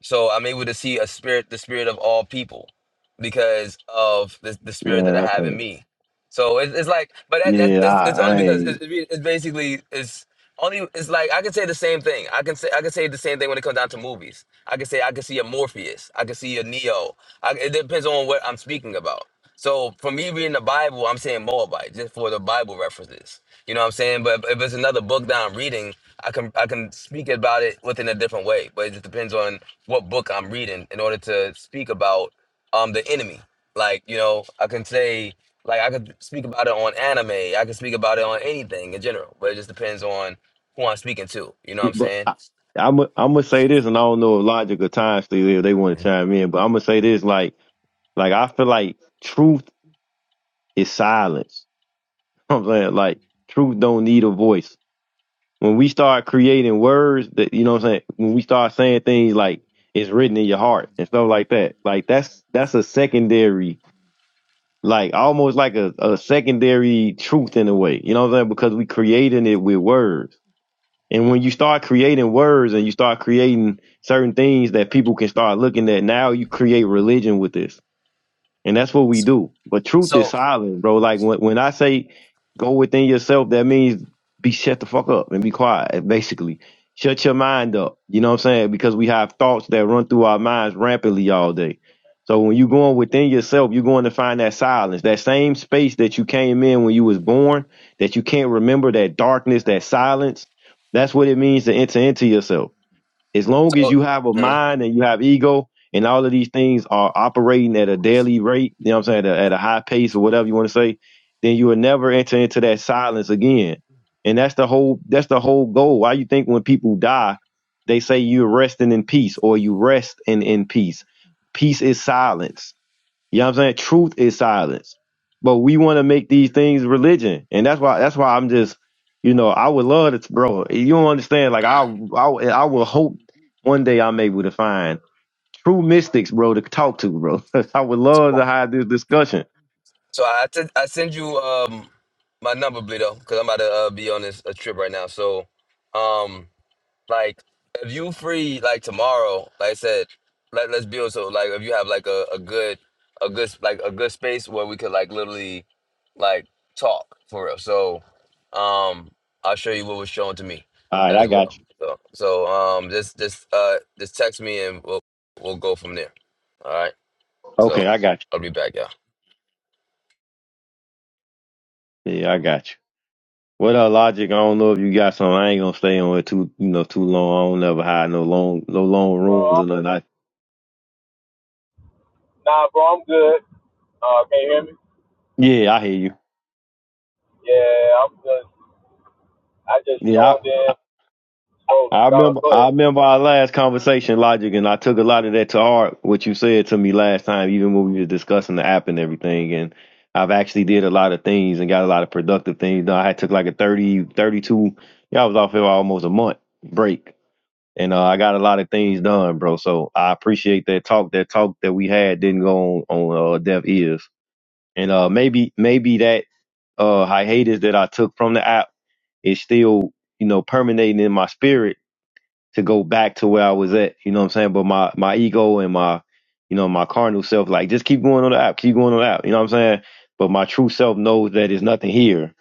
So I'm able to see a spirit, the spirit of all people, because of the, the spirit Man, that I I have in can't. me. So it's, it's like, but that, that's Yeah, it's, I, it's only I because it's, ain't. it's basically it's only it's like I can say the same thing. I can say I can say the same thing when it comes down to movies. I can say I can see a Morpheus. I can see a Neo. I, it depends on what I'm speaking about. So for me reading the Bible, I'm saying Moabite just for the Bible references. You know what I'm saying? But if it's another book that I'm reading, I can I can speak about it within a different way. But it just depends on what book I'm reading in order to speak about um the enemy. Like you know, I can say like I could speak about it on anime. I can speak about it on anything in general. But it just depends on who I'm speaking to. You know what I'm it- But saying? I, I'm i am to i gonna say this, and I don't know if logic or time still there. They want to chime in, but I'm gonna say this, like, like I feel like truth is silence. You know what I'm saying like truth don't need a voice. When we start creating words that you know what I'm saying, when we start saying things like it's written in your heart and stuff like that, like that's that's a secondary, like almost like a, a secondary truth in a way. You know what I'm saying? Because we creating it with words. And when you start creating words and you start creating certain things that people can start looking at, now you create religion with this and that's what we do. But truth is So silent, bro. Like when, when I say go within yourself, that means be shut the fuck up and be quiet, basically. Shut your mind up. You know what I'm saying? Because we have thoughts that run through our minds rampantly all day. So when you're going within yourself, you're going to find that silence, that same space that you came in when you was born, that you can't remember, that darkness, that silence. That's what it means to enter into yourself. As long as so. you have a mm-hmm. mind and you have ego and all of these things are operating at a daily rate, you know what I'm saying, at a, at a high pace or whatever you want to say, then you will never enter into that silence again. And that's the whole that's the whole goal. Why you think when people die, they say you're resting in peace or you rest in, in peace. Peace is silence you know what I'm saying? Truth is silence. But we want to make these things religion. And that's why that's why I'm just, you know, I would love to bro. You don't understand. Like I I I will hope one day I'm able to find true mystics, bro, to talk to, bro. I would love to have this discussion. So I send I send you um my number, Bleedo, because I'm about to uh, be on this a trip right now. So, um, like if you free like tomorrow, like I said, let let's build. So like if you have like a, a good a good like a good space where we could like literally like talk for real. So, um, I'll show you what was shown to me All right, I as got well. you. So so um just just uh just text me and we'll we'll go from there. All right. So Okay, I got I'll be back, y'all. you. Yeah, I got you. What uh logic? I don't know if you got some. I ain't gonna stay on it too, you know, too long. I don't never hide no long, no long Bro, rooms I'm, or nothing. I, nah, bro, I'm good. Uh, can you hear me? yeah, I hear you. Yeah, I'm good. I just Yeah, tuned in. I Scrolling. Go, remember go ahead. I remember our last conversation, Logic, and I took a lot of that to heart, what you said to me last time, even when we were discussing the app and everything. And I've actually did a lot of things and got a lot of productive things. done. I had took like a 30 32, yeah, I was off here almost a month break. And uh, I got a lot of things done, bro. So I appreciate that talk. That talk that we had didn't go on, on uh, deaf ears. And uh, maybe maybe that uh, hiatus that I took from the app is still, you know, permeating in my spirit to go back to where I was at. You know what I'm saying? But my my ego and my you know my carnal self like just keep going on the app, keep going on the app. You know what I'm saying? But my true self knows that there's nothing here.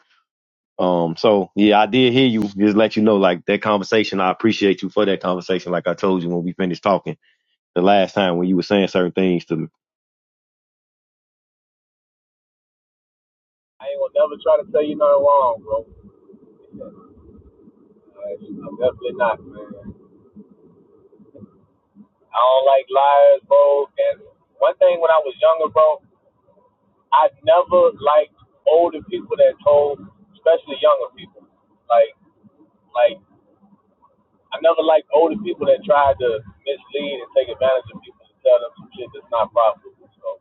Um, so yeah, I did hear you. Just let you know, like that conversation, I appreciate you for that conversation. Like I told you when we finished talking the last time when you were saying certain things to me. I ain't gonna never try to tell you nothing wrong, bro. Uh, I'm definitely not, man. I don't like liars, bro. And one thing when I was younger, bro, I never liked older people that told, especially younger people. Like, like I never liked older people that tried to mislead and take advantage of people to tell them some shit that's not profitable. So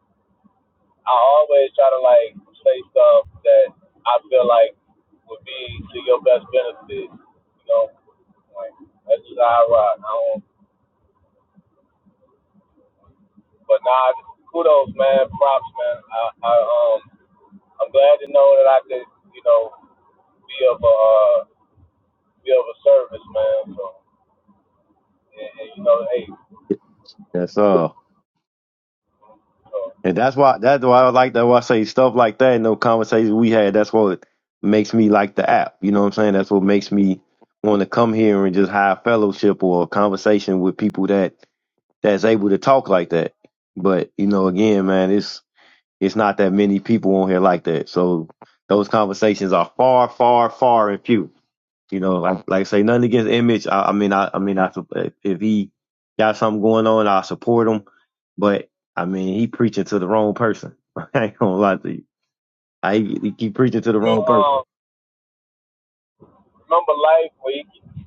I always try to like say stuff that I feel like would be to your best benefit. You know, like that's just how I rock. I don't, but nah, kudos, man. Props, man. I, I um, I'm glad to know that I could, you know, be of a uh, be of a service, man. So, and, and you know, hey, That's all. so And that's why that's why I like that why I say stuff like that in those conversations we had, that's what makes me like the app. You know what I'm saying? That's what makes me want to come here and just have fellowship or a conversation with people that that's able to talk like that. But, you know, again, man, it's it's not that many people on here like that. So those conversations are far, far, far and few. You know, like like I say nothing against Image. I, I mean, I I mean, I sup- if if he got something going on, I support him. But I mean, he preaching to the wrong person. I ain't gonna lie to you. I he he keep preaching to the Mo- wrong person. um, remember life where he,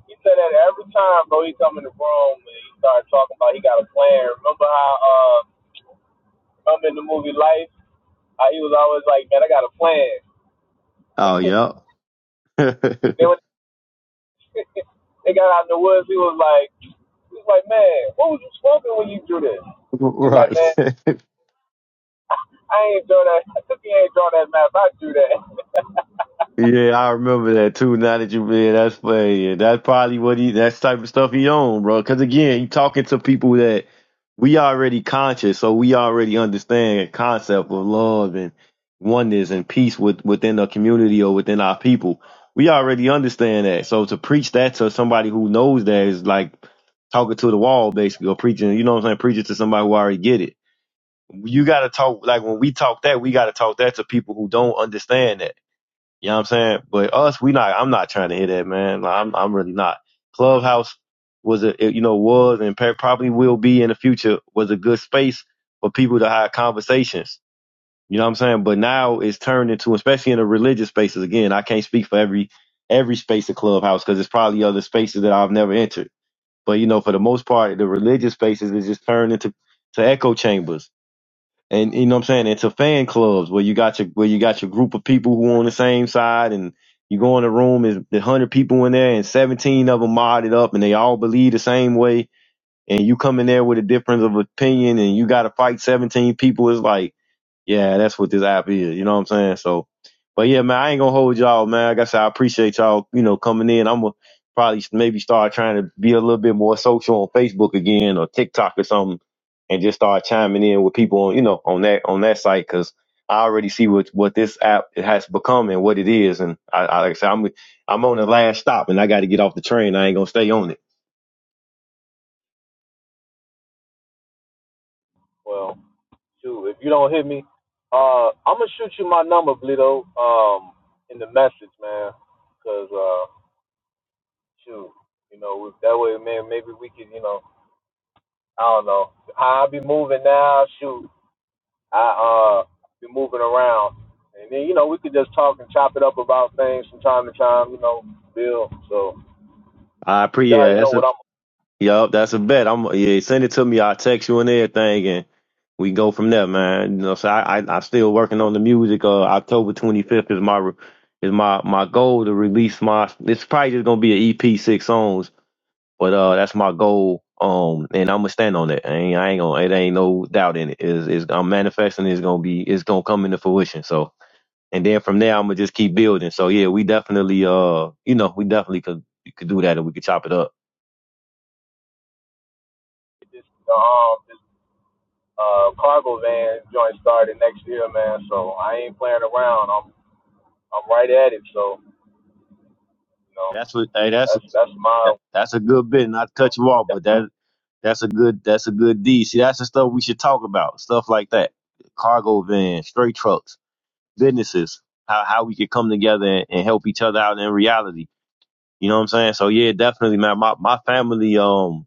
he said that every time, bro. He come in the room and he started talking about he got a plan. Remember how? uh. I'm in the movie Life, uh, he was always like, man, I got a plan. Oh yeah, Then when they got out in the woods, he was like, he was like, man, what was you smoking when you drew this? He's like, man, right. I ain't draw that. I took you ain't draw that map. I drew that. Yeah, I remember that too. Now that you man, that's funny. Yeah, that's probably what he that's type of stuff he on, bro. Because again, he talking to people that we already conscious, so we already understand the concept of love and oneness and peace with, within the community or within our people. We already understand that. So to preach that to somebody who knows that is like talking to the wall, basically, or preaching. You know what I'm saying? Preaching to somebody who already get it. You got to talk like when we talk that, we got to talk that to people who don't understand that. You know what I'm saying? But us, we not. I'm not trying to hear that, man. Like, I'm, I'm really not. Clubhouse was a, it, you know, was and pe- probably will be in the future was a good space for people to have conversations. You know what I'm saying? But now it's turned into, especially in the religious spaces. Again, I can't speak for every every space of Clubhouse because it's probably other spaces that I've never entered. But you know, for the most part, the religious spaces is just turned into to echo chambers and you know what I'm saying. It's a fan clubs where you got your where you got your group of people who on the same side, and you go in a room is the hundred people in there, and seventeen of them modded up, and they all believe the same way, and you come in there with a difference of opinion, and you got to fight seventeen people. It's like yeah, that's what this app is. You know what I'm saying? So, but yeah, man, I ain't gonna hold y'all, man. Like I said, I appreciate y'all, you know, coming in. I'm gonna probably maybe start trying to be a little bit more social on Facebook again or TikTok or something, and just start chiming in with people on, you know, on that on that site because I already see what what this app has become and what it is. And I, I like I said, I'm I'm on the last stop and I got to get off the train. I ain't gonna stay on it. Well, shoot, if you don't hit me, uh, I'm gonna shoot you my number, Blito, um, in the message, man, because uh, shoot, you know, that way, man, maybe we could, you know, I don't know. How I be moving now, shoot. I uh been moving around, and then you know we could just talk and chop it up about things from time to time. You know, Bill. So I you appreciate. Yeah, already know that's a what I'm gonna Yup, that's a bet. I'm yeah, send it to me. I'll text you and everything and we go from there, man. You know, so I, I I'm still working on the music. Uh, October 25th is my re- is my my goal to release my. It's probably just gonna be an EP six songs, but uh, that's my goal. Um, and I'm gonna stand on it. I ain't, I ain't gonna. It ain't no doubt in it. Is is I'm manifesting. It's gonna be. It's gonna come into fruition. So and then from there, I'm gonna just keep building. So yeah, we definitely uh, you know, we definitely could could do that and we could chop it up. get this uh, um this uh cargo van joint started next year, man. So I ain't playing around. I'm I'm right at it. So you know That's what. Hey, that's a, that's that's that- my. you that's a good bit. Not to cut you know, off, but that that's a good that's a good deed. See, that's the stuff we should talk about. Stuff like that, cargo vans, straight trucks, businesses. How how we could come together and, and help each other out in reality. You know what I'm saying? So yeah, definitely, man. My my family. Um.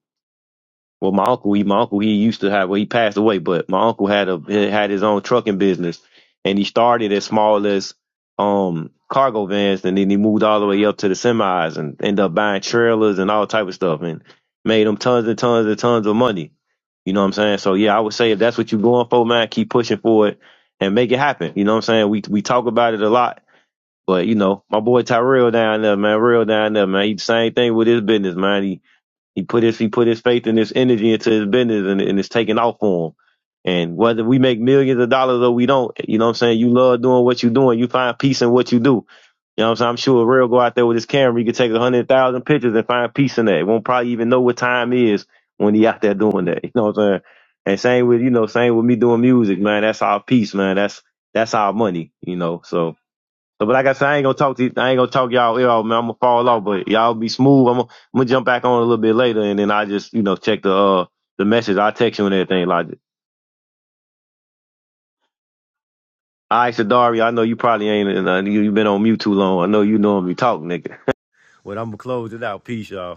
Well, my uncle, he, my uncle, he used to have, well, he passed away, but my uncle had a he had his own trucking business, and he started as small as um cargo vans, and then he moved all the way up to the semis, and ended up buying trailers and all type of stuff, and made him tons and tons and tons of money. You know what I'm saying? So yeah, I would say if that's what you're going for, man, keep pushing for it and make it happen. You know what I'm saying? We we talk about it a lot, but you know, my boy Tyrell down there, man, real down there, man, he the same thing with his business, man. He he put his he put his faith and his energy into his business, and, and it's taking off for him. And whether we make millions of dollars or we don't, you know what I'm saying? You love doing what you're doing. You find peace in what you do. You know what I'm saying? I'm sure Ray will go out there with his camera. He could take a hundred thousand pictures and find peace in that. He Won't probably even know what time is when he out there doing that. You know what I'm saying? And same with, you know, same with me doing music, man. That's our peace, man. That's, that's our money, you know, so. So, but like I said, I ain't gonna talk to you, I ain't gonna talk y'all ear off, man. I'm gonna fall off, but y'all be smooth. I'm gonna, I'm gonna jump back on a little bit later, and then I just you know check the uh the message. I text you and everything like. that. All right, Sadari, I know you probably ain't, uh, you you been on mute too long. I know you normally talk, nigga. Well, I'm gonna close it out. Peace, y'all.